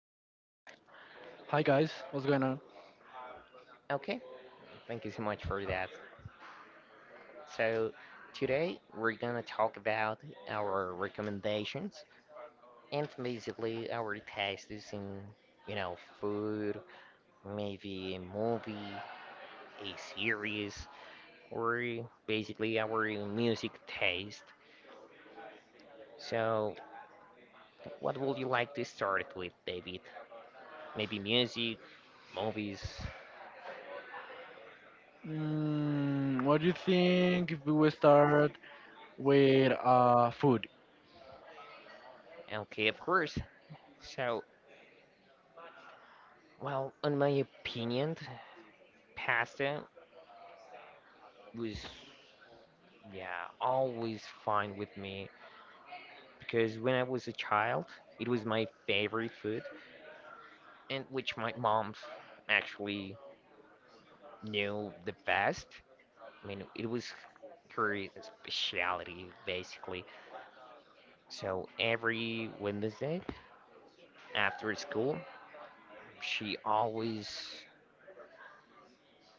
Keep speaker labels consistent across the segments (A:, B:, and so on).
A: David.
B: Hi guys, what's going on?
A: Okay, thank you so much for that. So, today we're gonna talk about our recommendations and basically our tastes in, you know, food, maybe a movie, a series, or basically our music taste. So, what would you like to start with, David? Maybe music, movies.
B: What do you think if we will start with food?
A: Okay, of course. So, well, in my opinion, pasta was, yeah, always fine with me because when I was a child, it was my favorite food, and which my mom actually knew the best. I mean, it was her specialty, basically. So every Wednesday after school, she always,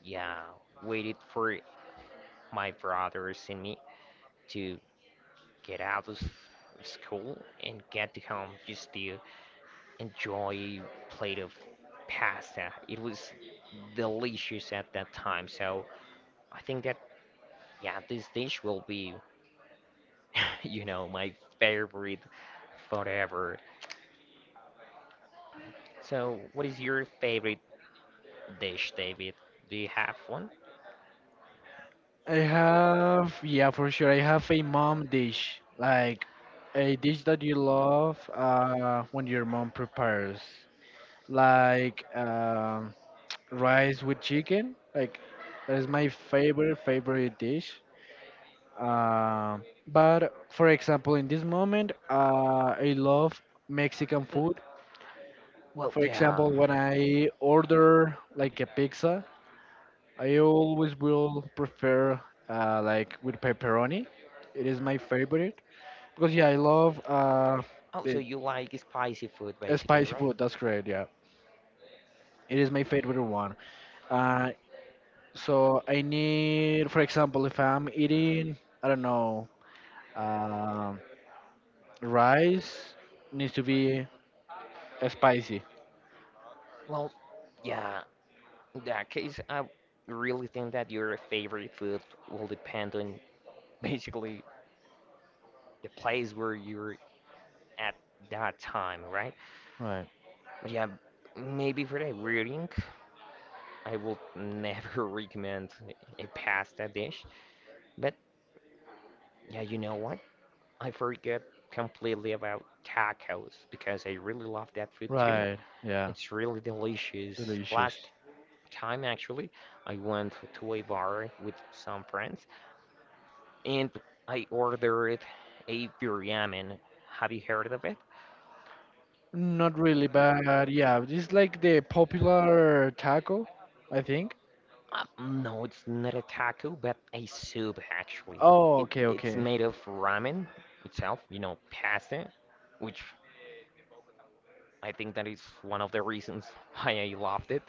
A: yeah, waited for my brothers and me to get out of school and get to home just to enjoy a plate of pasta. It was delicious at that time. So I think that yeah, this dish will be, my favorite forever. So what is your favorite dish, David? Do you have one?
B: I have, yeah, for sure. I have a mom dish, like a dish that you love when your mom prepares like rice with chicken. Like that is my favorite dish. But for example in this moment, I love Mexican
A: Mm.
B: food.
A: Well,
B: For
A: yeah.
B: example, when I order like a pizza, I always will prefer, like with pepperoni. It is my favorite because, yeah, I love,
A: Oh, so
B: the
A: you like spicy food basically,
B: spicy
A: right?
B: food. That's great. Yeah, it is my favorite one. Uh, so I need, for example, if I'm eating, I don't know, um, rice needs to be spicy.
A: Well, yeah. In that case, I really think that your favorite food will depend on basically the place where you're at that time, right?
B: Right.
A: But yeah, maybe for the reading, I will never recommend a pasta dish. But yeah, you know what? I forget completely about tacos because I really love that food too.
B: Right. Yeah.
A: It's really delicious.
B: Delicious.
A: Last time actually, I went to a bar with some friends and I ordered a biryani. Have you heard of it?
B: Not really, but yeah, it's like the popular taco, I think.
A: No, it's not a taco, but a soup actually.
B: Oh,
A: It
B: okay,
A: it's
B: okay.
A: made of ramen itself, pasta, which I think that is one of the reasons why I loved it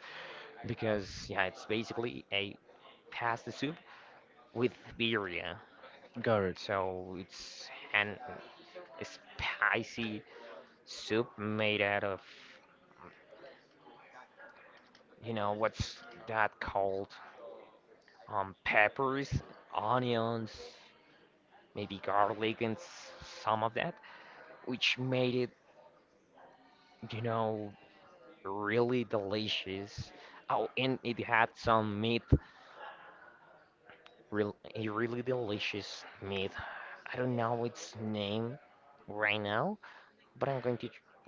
A: because yeah, it's basically a pasta soup with birria.
B: Got it.
A: So it's an a spicy soup made out of you know what's that called? Peppers, onions, maybe garlic, and some of that, which made it, you know, really delicious. Oh, and it had some meat, real a really delicious meat. I don't know its name right now, but I'm going to,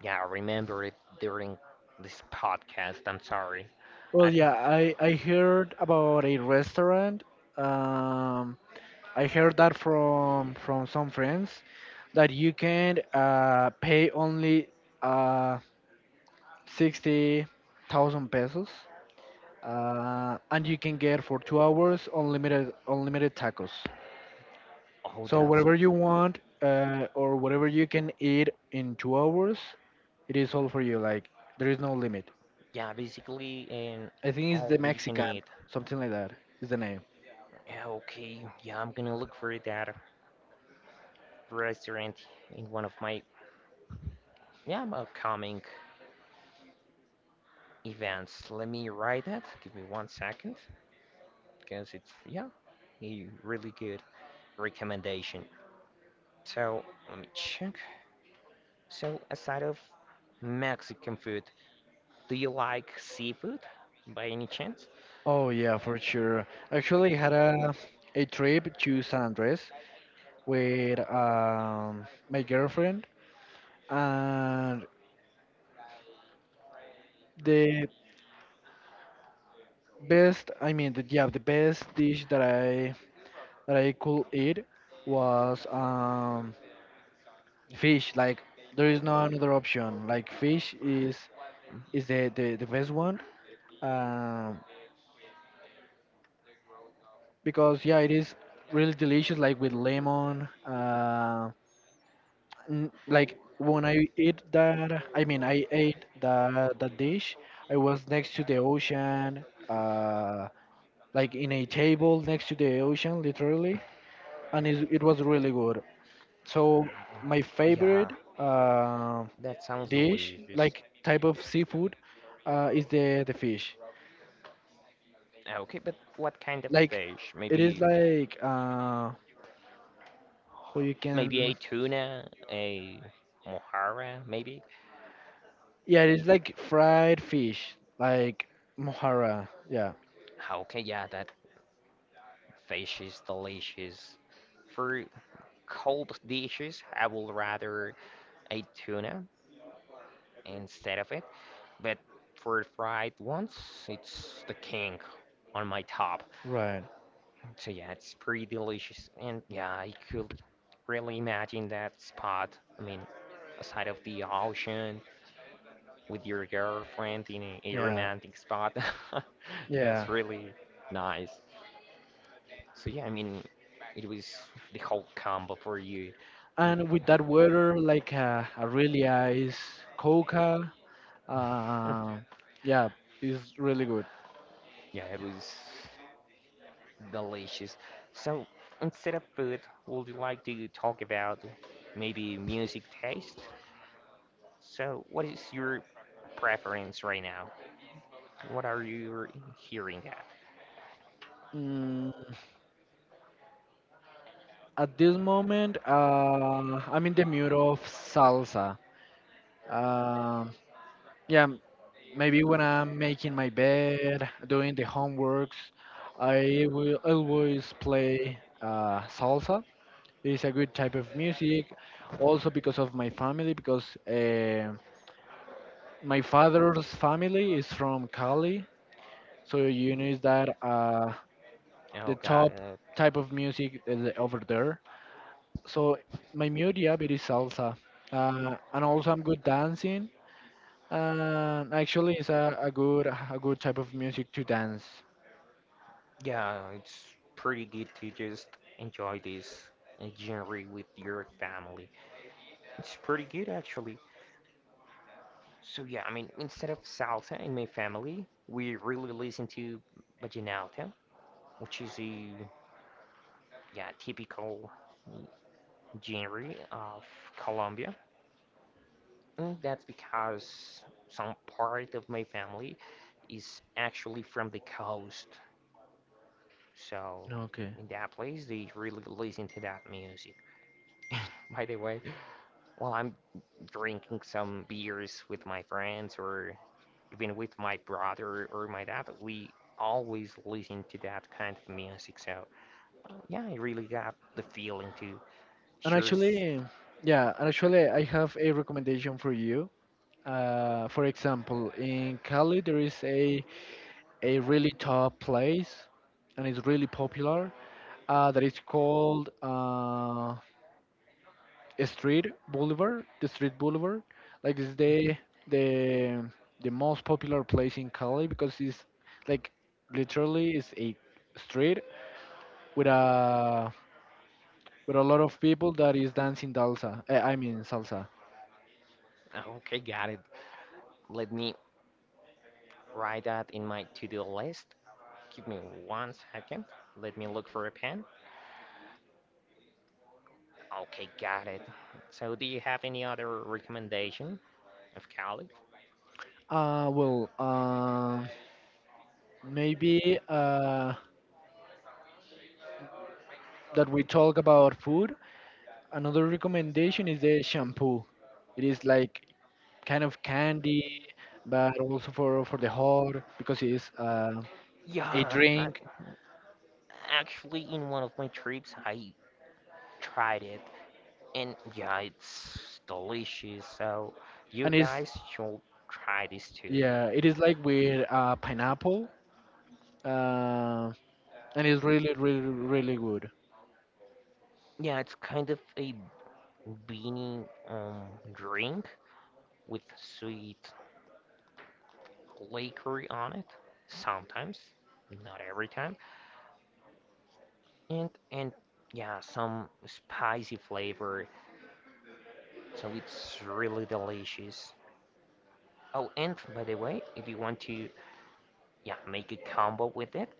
A: yeah, remember it during this podcast. I'm sorry.
B: Well,
A: I don't.
B: yeah, I heard about a restaurant. Um, I heard that from some friends that you can pay only uh 60,000 pesos and you can get for 2 hours unlimited tacos.
A: Oh,
B: So
A: that's,
B: whatever you want, or whatever you can eat in 2 hours, it is all for you. Like there is no limit.
A: yeah, basically an
B: I think it's
A: all
B: the
A: you can
B: Mexican,
A: eat.
B: something like that is the name.
A: Yeah, okay, yeah, I'm gonna look for that restaurant in one of my, yeah, upcoming events. Let me write that. Give me 1 second because it's, yeah, a really good recommendation. So let me check. So aside of Mexican food, do you like seafood by any chance?
B: Oh yeah, for sure. Actually, I had a trip to San Andres with my girlfriend, and the best, I mean, the, yeah, the best dish that I could eat was, fish. Like there is no another option. Like fish is is the best one, um, because yeah it is really delicious, like with lemon, like when I ate that dish. I was next to the ocean, like in a table next to the ocean literally, and it was really good. So my
A: Yeah,
B: favorite uh,
A: that sounds
B: dish,
A: delicious.
B: like type of seafood, is the fish.
A: Okay, but what kind of
B: Like
A: fish?
B: it is
A: Maybe
B: like, who you
A: maybe
B: can,
A: a tuna, a mojarra, maybe.
B: yeah, it's like fried fish, like mohara. Yeah.
A: Okay, yeah, that. Fish is delicious. For cold dishes, I would rather eat tuna instead of it, but for fried ones, it's the king on my top.
B: Right.
A: So yeah, it's pretty delicious, and yeah, I could really imagine that spot. I mean, aside of the ocean with your girlfriend in a
B: Yeah.
A: romantic spot.
B: Yeah.
A: That's really nice. So yeah, I mean, it was the whole combo for you. Like,
B: And with that water, like a really ice coca,
A: hmm,
B: uh, yeah, it's really good.
A: yeah, it was delicious. So instead of food, would you like to talk about maybe music taste? So what is your preference right now? What are you hearing at?
B: mm, at this moment, I'm in the mood of salsa. Um yeah, maybe when I'm making my bed, doing the homeworks, I will always play, salsa. It's a good type of music. Also because of my family, because, my father's family is from Cali, so you know is that, the
A: Oh God,
B: top type of music is, over there. So my music, yeah, is salsa, and also I'm good dancing. And actually, it's a good type of music to dance.
A: yeah, it's pretty good to just enjoy this genre with your family. It's pretty good actually. So yeah, I mean, instead of salsa in my family, we really listen to vallenato, which is a yeah typical genre of Colombia. And that's because some part of my family is actually from the coast. So
B: Okay.
A: in that place, they really listen to that music. By the way, while I'm drinking some beers with my friends or even with my brother or my dad, we always listen to that kind of music. So yeah, I really got the feeling to
B: And
A: sure.
B: actually, yeah, and actually, I have a recommendation for you. For example, in Cali, there is a really top place, and it's really popular. That is called, Street Boulevard. The Street Boulevard, like it's
A: Okay,
B: the the most popular place in Cali because it's like literally it's a street with a with a lot of people that is dancing salsa. I mean salsa.
A: okay, got it. Let me write that in my to-do list. Give me 1 second. Let me look for a pen. Okay, got it. So do you have any other recommendation of Cali?
B: Well, maybe, that we talk about food. Another recommendation is the shampoo. It is like kind of candy, but also for the hair because it is, a
A: Yeah,
B: drink,
A: actually, in one of my trips, I tried it. And yeah, it's delicious. So you
B: and it's,
A: guys should try this too.
B: yeah, it is like with, pineapple, uh, and it's really really really good.
A: Yeah, it's kind of a beanie drink with sweet liquor on it sometimes, not every time. And yeah, some spicy flavor. So it's really delicious. Oh, and by the way, if you want to, yeah, make a combo with it,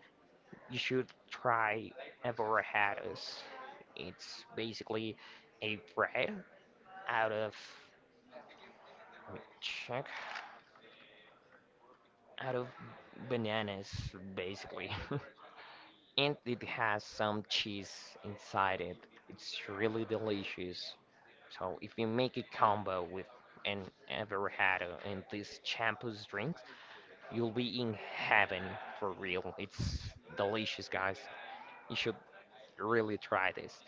A: you should try a it's basically a bread out of let me check out of bananas basically and it has some cheese inside it. It's really delicious. So if you make a combo with an averhado and these champus drinks, you'll be in heaven for real. It's delicious, guys. You should really try this.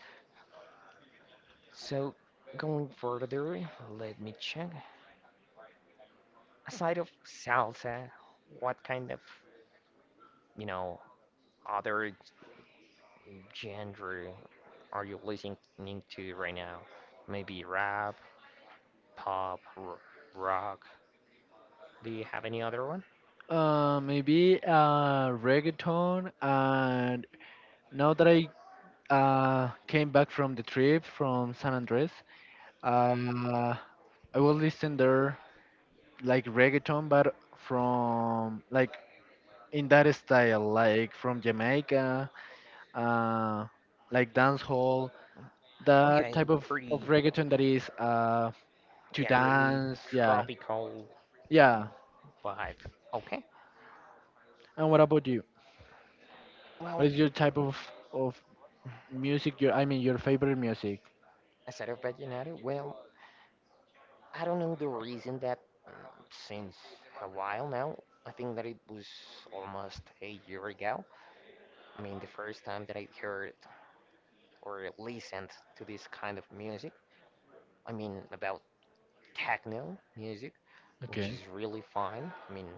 A: So, going further, let me check. Aside of salsa, what kind of, you know, other genre are you listening to right now? Maybe rap, pop, r rock. Do you have any other one?
B: Maybe, reggaeton, and now that I, came back from the trip from San Andres, uh, I will listen there like reggaeton, but from like in that style, like from Jamaica, uh, like dance hall,
A: Oh
B: that
A: yeah,
B: type of
A: pretty,
B: reggaeton that is, to
A: yeah, really
B: dance. Yeah,
A: tropical
B: yeah.
A: vibe. Okay.
B: And what about you?
A: Well,
B: What is your type of music? Your, I mean, your favorite music?
A: aside of Vallenato, well, I don't know the reason that mm, since a while now, I think that it was almost a year ago. I mean, the first time that I heard or listened to this kind of music, I mean, about techno music, which
B: Okay.
A: is really fun. I mean,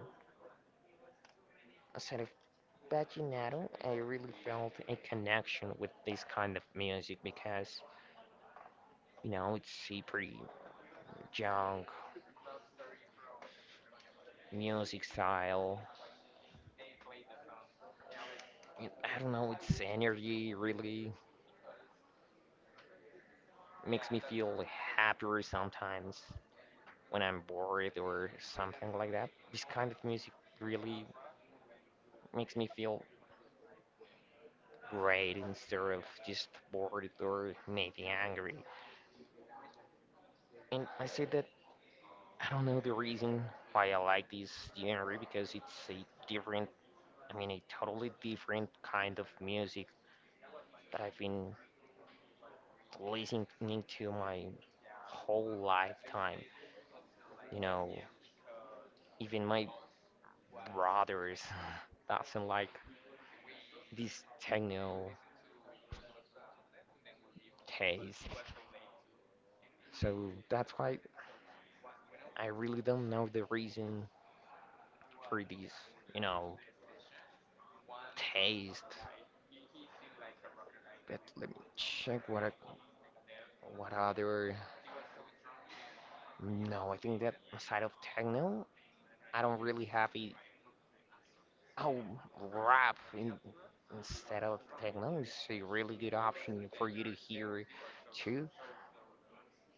A: aside of Paginato, I really felt a connection with this kind of music because, it's a pretty young music style. And I don't know, it's energy really makes me feel happier sometimes when I'm bored or something like that. This kind of music really makes me feel great instead of just bored or maybe angry. And I say that I don't know the reason why I like this genre because it's a different, I mean, a totally different kind of music that I've been listening to my whole lifetime. You know, even my brothers doesn't like this techno taste. So that's why I really don't know the reason for this, you know, taste. But let me check what other. No, I think that aside of techno, I don't really have a. Oh, rap in, instead of techno is a really good option for you to hear too.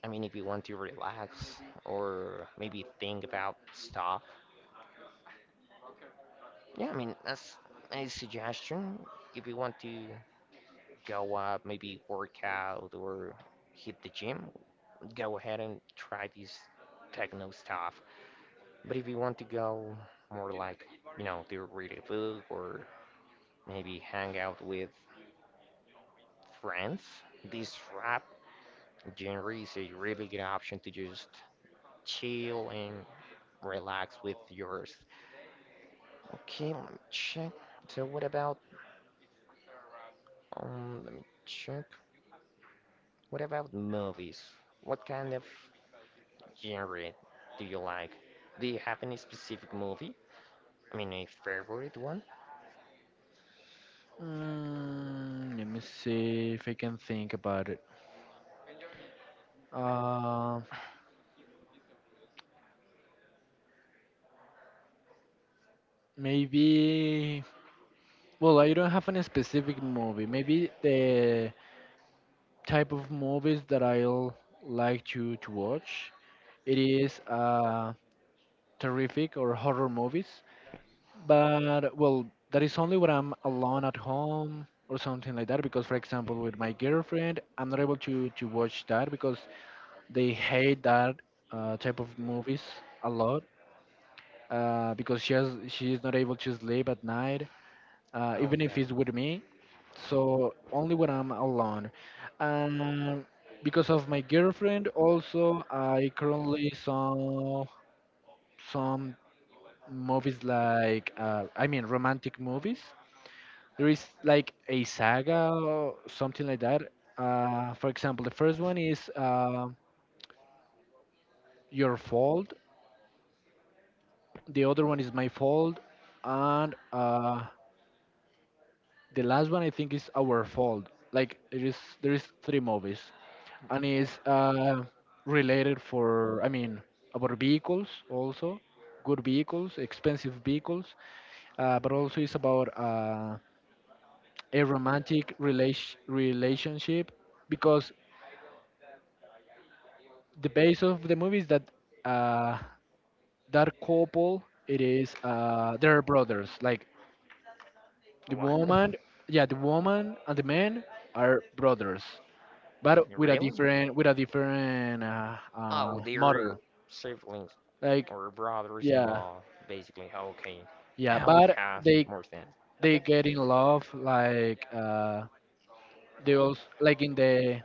A: I mean, if you want to relax or maybe think about stuff. Yeah, I mean, that's a suggestion. If you want to go up, maybe work out or hit the gym, go ahead and try this techno stuff. But if you want to go more like, to read a book or maybe hang out with friends, this rap genre is a really good option to just chill and relax with yours. Okay, let me check. So what about, let me check. What about movies? What kind of genre do you like? Do you have any specific movie? I mean, a favorite one?
B: Let me see if I can think about it. Uh, maybe. Well, I don't have any specific movie. Maybe the type of movies that I'll like to watch. It is, terrific or horror movies, but well, that is only when I'm alone at home or something like that. Because, for example, with my girlfriend, I'm not able to watch that because they hate that, type of movies a lot. Because she has, she is not able to sleep at night,
A: Oh,
B: even
A: yeah.
B: if it's with me. So only when I'm alone. Um, because of my girlfriend, also I currently saw some movies like, I mean romantic movies. There is like a saga or something like that. For example, the first one is, Your Fault. The other one is My Fault, and, the last one I think is Our Fault. Like it is there is three movies, and it's, related for I mean about vehicles also, good vehicles, expensive vehicles, but also it's about, a romantic relationship because the base of the movie is that, uh, that couple it is, they're brothers like the
A: What?
B: woman, yeah the woman and the man are brothers but with a
A: Really?
B: different with a different,
A: Oh, they're
B: motor.
A: siblings
B: Like
A: or brothers in
B: yeah,
A: law, basically. Okay.
B: yeah.
A: Now it
B: But
A: has more sense.
B: they
A: Okay.
B: get in love. Like, they also like in the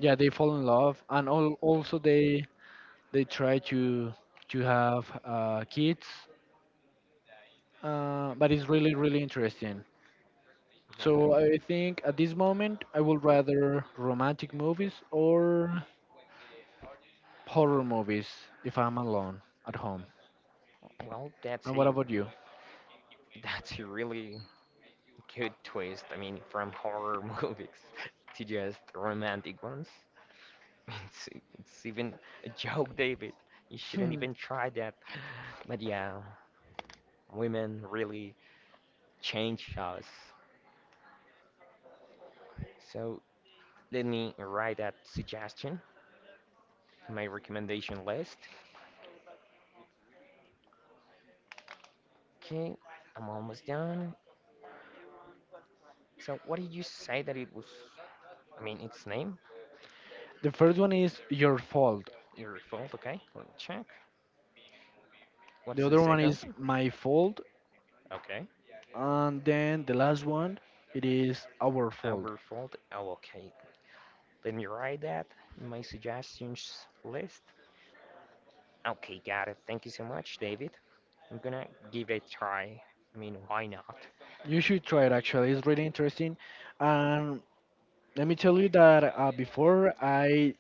B: yeah they fall in love and all, also they try to have, kids. But it's really really interesting. So
A: Okay.
B: I think at this moment I would rather romantic movies or horror movies if I'm alone at home.
A: Well, that's
B: And what
A: a
B: about you?
A: that's a really good twist. I mean, from horror movies to just romantic ones. It's, it's even a joke, David. You shouldn't even try that. But yeah, women really change us. So let me write that suggestion in my recommendation list. Okay, I'm almost done. So what did you say that it was? I mean, its name,
B: The first one is your fault.
A: your fault. Okay, let me check.
B: The
A: What's the
B: other one
A: second
B: is
A: one?
B: my fault,
A: Okay,
B: and then the last one it is our fault.
A: our fault. Oh, okay. Let me write that in my suggestions list. Okay, got it. Thank you so much, David. I'm gonna give it a try. I mean, why not?
B: You should try it actually. It's really interesting. And let me tell you that, before I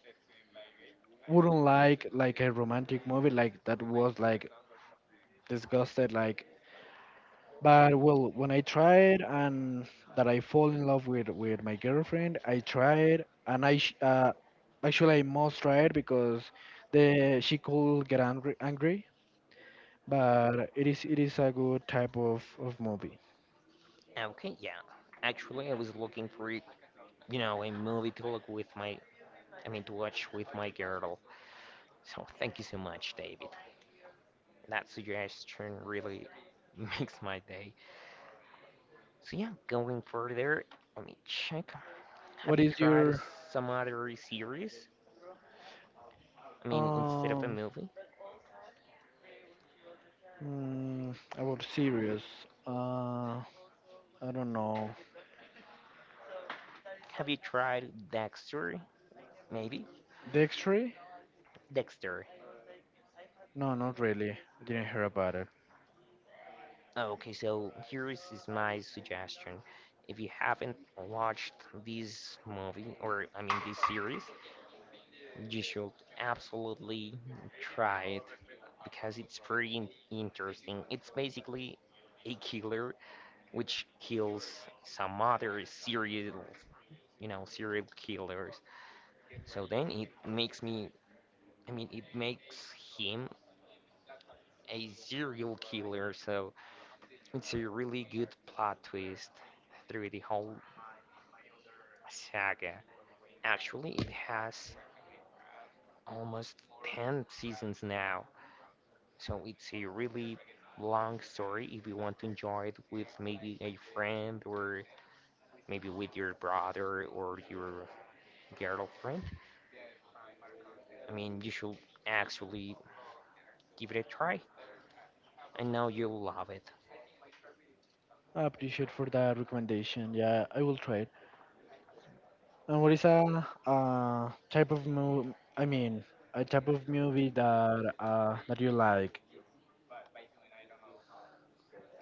B: wouldn't like a romantic movie like that was like disgusted like. But well, when I tried and that I fall in love with my girlfriend, I tried and actually I must try it because the she could get angry. But it is a good type of movie.
A: Okay, yeah. Actually, I was looking for, a movie to look with my, I mean, to watch with my girl. So thank you so much, David. That suggestion really makes my day. So yeah, going further, let me check. Have
B: What
A: you
B: is
A: tried
B: your
A: some other series? I mean, instead of a
B: um
A: movie?
B: mm, about series? Uh, I don't know.
A: Have you tried Dexter? Maybe?
B: Dexter?
A: Dexter.
B: No, not really. I didn't hear about it.
A: Okay, so here is my suggestion. If you haven't watched this movie, or I mean this series, you should absolutely try it because it's very in interesting. It's basically a killer which kills some other serial killers. So then it makes me, I mean, it makes him a serial killer. So it's a really good plot twist through the whole saga. Actually, it has almost 10 seasons now, so it's a really long story if you want to enjoy it with maybe a friend or maybe with your brother or your girlfriend. I mean, you should actually give it a try, and now you'll love it.
B: I appreciate for that recommendation. Yeah, I will try it. And what is a, type of movie? I mean, a type of movie that, that you like?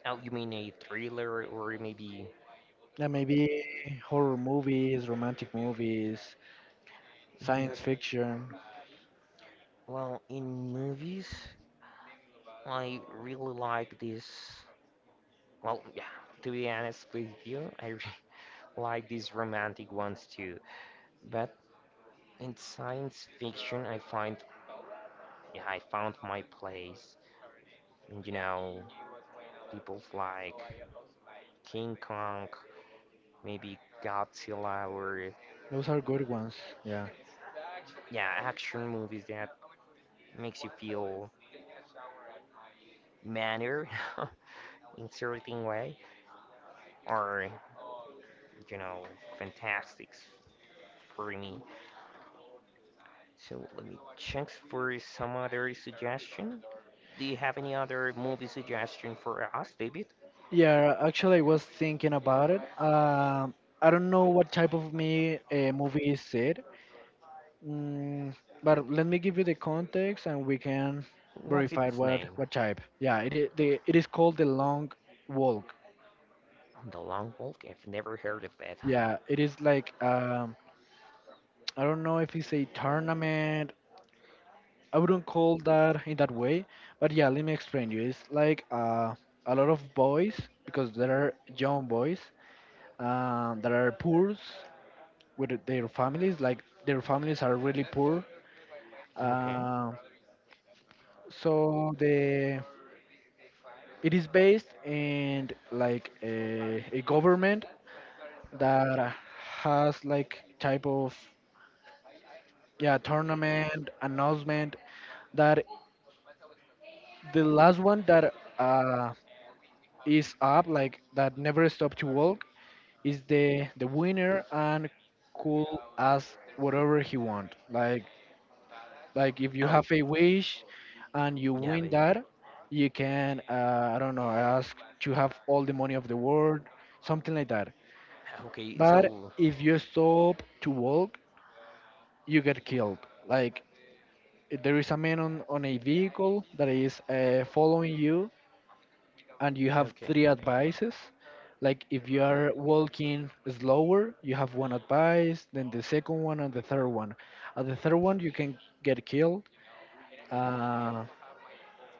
A: Oh, you mean a thriller or maybe.
B: Yeah, maybe horror movies, romantic movies,
A: Mm.
B: science fiction.
A: Well, in movies, I really like this. Well, yeah, to be honest with you, I like these romantic ones too. But in science fiction, I found my place. And, you know, people like King Kong, maybe Godzilla, or
B: Those are good ones. Yeah.
A: yeah, action movies that makes you feel manner in certain way, or you know, fantastics for me. So let me check for some other suggestion. Do you have any other movie suggestion for us, David?
B: Yeah. Actually, I was thinking about it. I don't know what type of me a movie is it. Mm, but let me give you the context, and we can
A: What's
B: verify
A: its name?
B: what type. Yeah. It is the it is called the Long Walk.
A: The Long Walk? I've never heard of that.
B: Yeah, it is like, I don't know if it's a tournament. I wouldn't call that in that way, but yeah, let me explain you. It's like, a lot of boys because there are young boys, that are poor with their families. Like their families are really poor.
A: Okay.
B: Uh, so the it is based in like a government that has like type of yeah tournament announcement that the last one that, is up, like that never stop to walk, is the winner and could ask whatever he want. Like if you
A: Oh,
B: have a wish and you
A: yeah, I
B: win
A: mean,
B: that, you can, I don't know ask to have all the money of the world, something like that.
A: okay,
B: But
A: so,
B: if you stop to walk, you get killed. Like there is a man on a vehicle that is, following you and you have
A: okay.
B: three advices. Like if you are walking slower, you have one advice, then the second one, and the third one. At the third one, you can get killed, uh,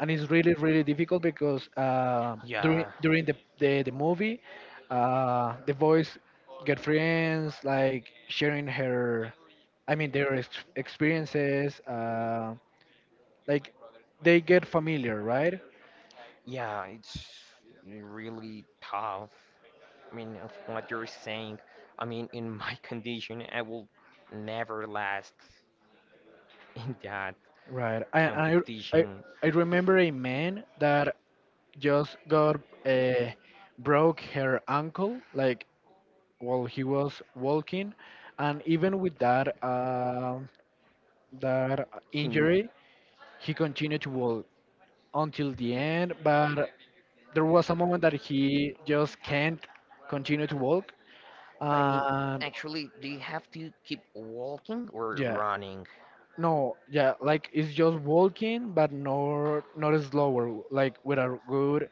B: and it's really really difficult because,
A: Yeah,
B: the movie, the boys get friends, like sharing her, I mean their experiences, like they get familiar, right?
A: yeah, it's really tough. I mean, of what you're saying, I mean, in my condition, I will never last in that
B: Right. I
A: competition.
B: I remember a man that just got, broke her ankle like while he was walking and even with that that
A: He,
B: injury he continued to walk until the end but there was a moment that he just can't continue to walk
A: but I mean,
B: and
A: actually, do you have to keep walking or
B: yeah
A: running?
B: no yeah like it's just walking but not not slower like with a good,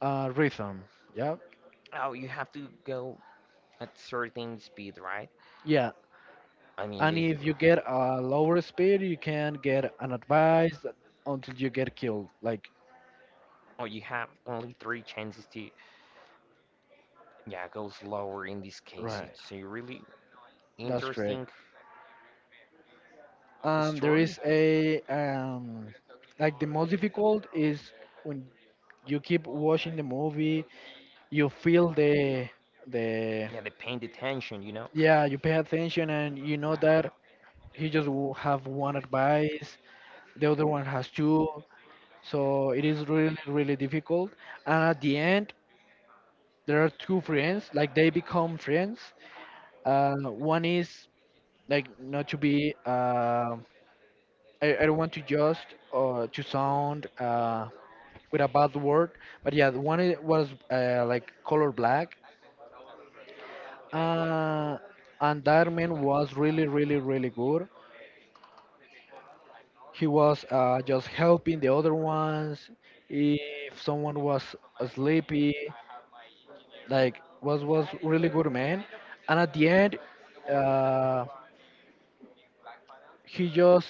B: rhythm. Yeah.
A: Oh, you have to go at certain speed, right?
B: Yeah.
A: I mean,
B: And if
A: basically.
B: you get a lower speed, you can get an advice until you get killed. Like,
A: Oh, you have only three chances to, yeah, go slower in this case.
B: right.
A: It's a really
B: That's great.
A: interesting
B: And there
A: story.
B: is a, like the most difficult is when you keep watching the movie, you feel the
A: Yeah, they paying attention, you know.
B: yeah, you pay attention and you know that have one advice, the other one has two, so it is really really difficult. And at the end, there are two friends, like they become friends. One is like not to be. I don't want to just, to sound, with a bad word, but yeah, the was, like color black, uh, and that man was really, really, really good. He was, just helping the other ones. If someone was sleepy, like was really good man. And at the end, uh, he just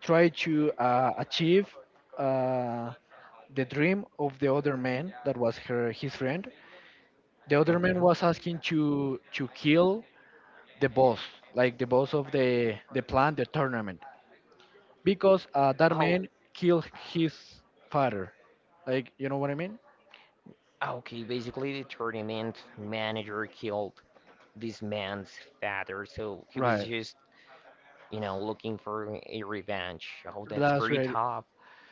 B: try to, achieve, uh, the dream of the other man that was her his friend. The other
A: Okay.
B: man was asking to kill the boss, like the boss of the plant, the tournament, because, that
A: Oh,
B: man killed his father. Like you know what I mean?
A: okay. Basically, the tournament manager killed this man's father, so he was
B: Right.
A: just, looking for a revenge. Oh, that's
B: That's
A: pretty
B: right.
A: tough.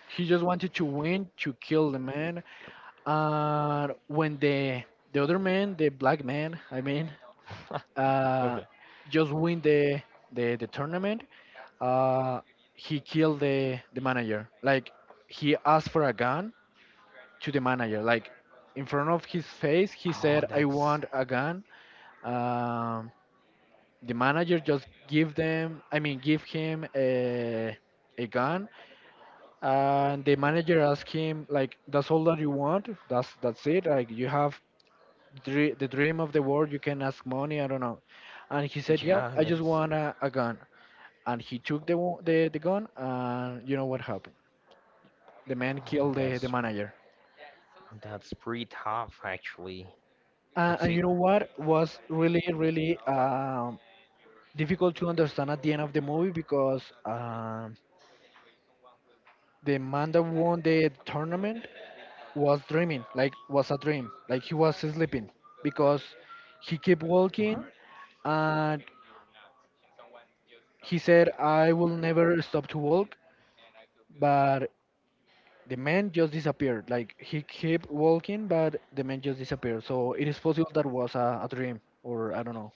B: He just wanted to win to kill the man. And when the other man, the black man, I mean, uh,
A: Okay.
B: just win the tournament, uh, he killed the manager. Like he asked for a gun to the manager. Like in front of his face, he
A: Oh,
B: said, "I
A: that's
B: want a gun." Um, the manager just give them. I mean, give him a gun, and the manager asked him, "Like that's all that you want? That's it? Like you have." The dream of the world, you can ask money. I don't know, and he said, "Yeah,
A: yeah,
B: I just
A: that's
B: want a gun." And he took the gun, and you know what happened? The man
A: oh,
B: killed the manager.
A: that's pretty tough, actually. It's
B: And
A: a
B: you know what was really, really, difficult to understand at the end of the movie because, the man that won the tournament was dreaming, like was a dream, like he was sleeping because he kept walking
A: What?
B: and he said, "I will never stop to walk," but the man just disappeared. Like he kept walking, but the man just disappeared. So it is possible that was a dream, or I don't know.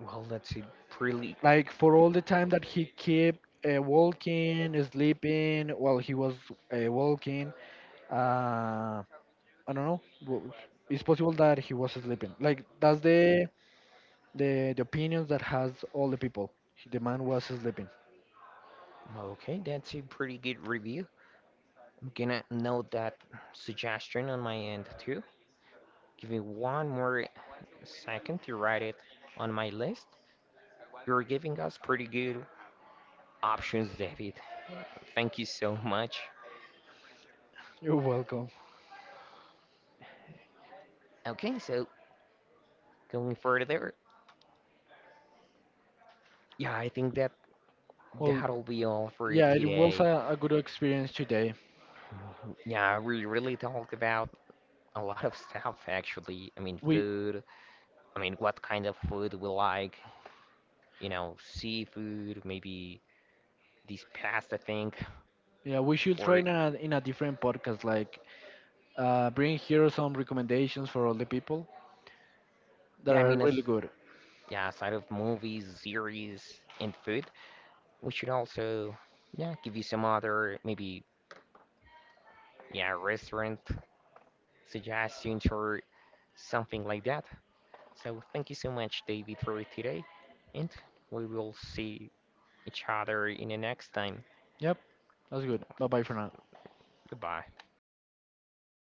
A: Well, that's a pretty
B: Like for all the time that he kept, walking, sleeping while he was, walking. Uh, I don't know. It's possible that he was sleeping. Like that's the opinions that has all the people. The man was sleeping.
A: okay. That's a pretty good review. I'm gonna note that suggestion on my end too. Give me one more second to write it on my list. You're giving us pretty good options, David. Thank you so much.
B: You're welcome.
A: Okay, so going further, yeah, I think that
B: Well,
A: that'll be all for
B: yeah, it was
A: today.
B: a good experience today.
A: Yeah, we really talked about a lot of stuff actually. I mean,
B: We
A: food, I mean, what kind of food we like, seafood, maybe this pasta thing,
B: yeah we should try
A: or
B: in a different podcast. Like, bring here some recommendations for all the people that
A: yeah, I
B: are
A: mean, it's,
B: really good.
A: yeah, aside of movies, series, and food, we should also, yeah, give you some other maybe, yeah, restaurant suggestions or something like that. So thank you so much, David, for it today, and we will see each other in the next time.
B: Yep, that's good. Bye bye for now.
A: Goodbye.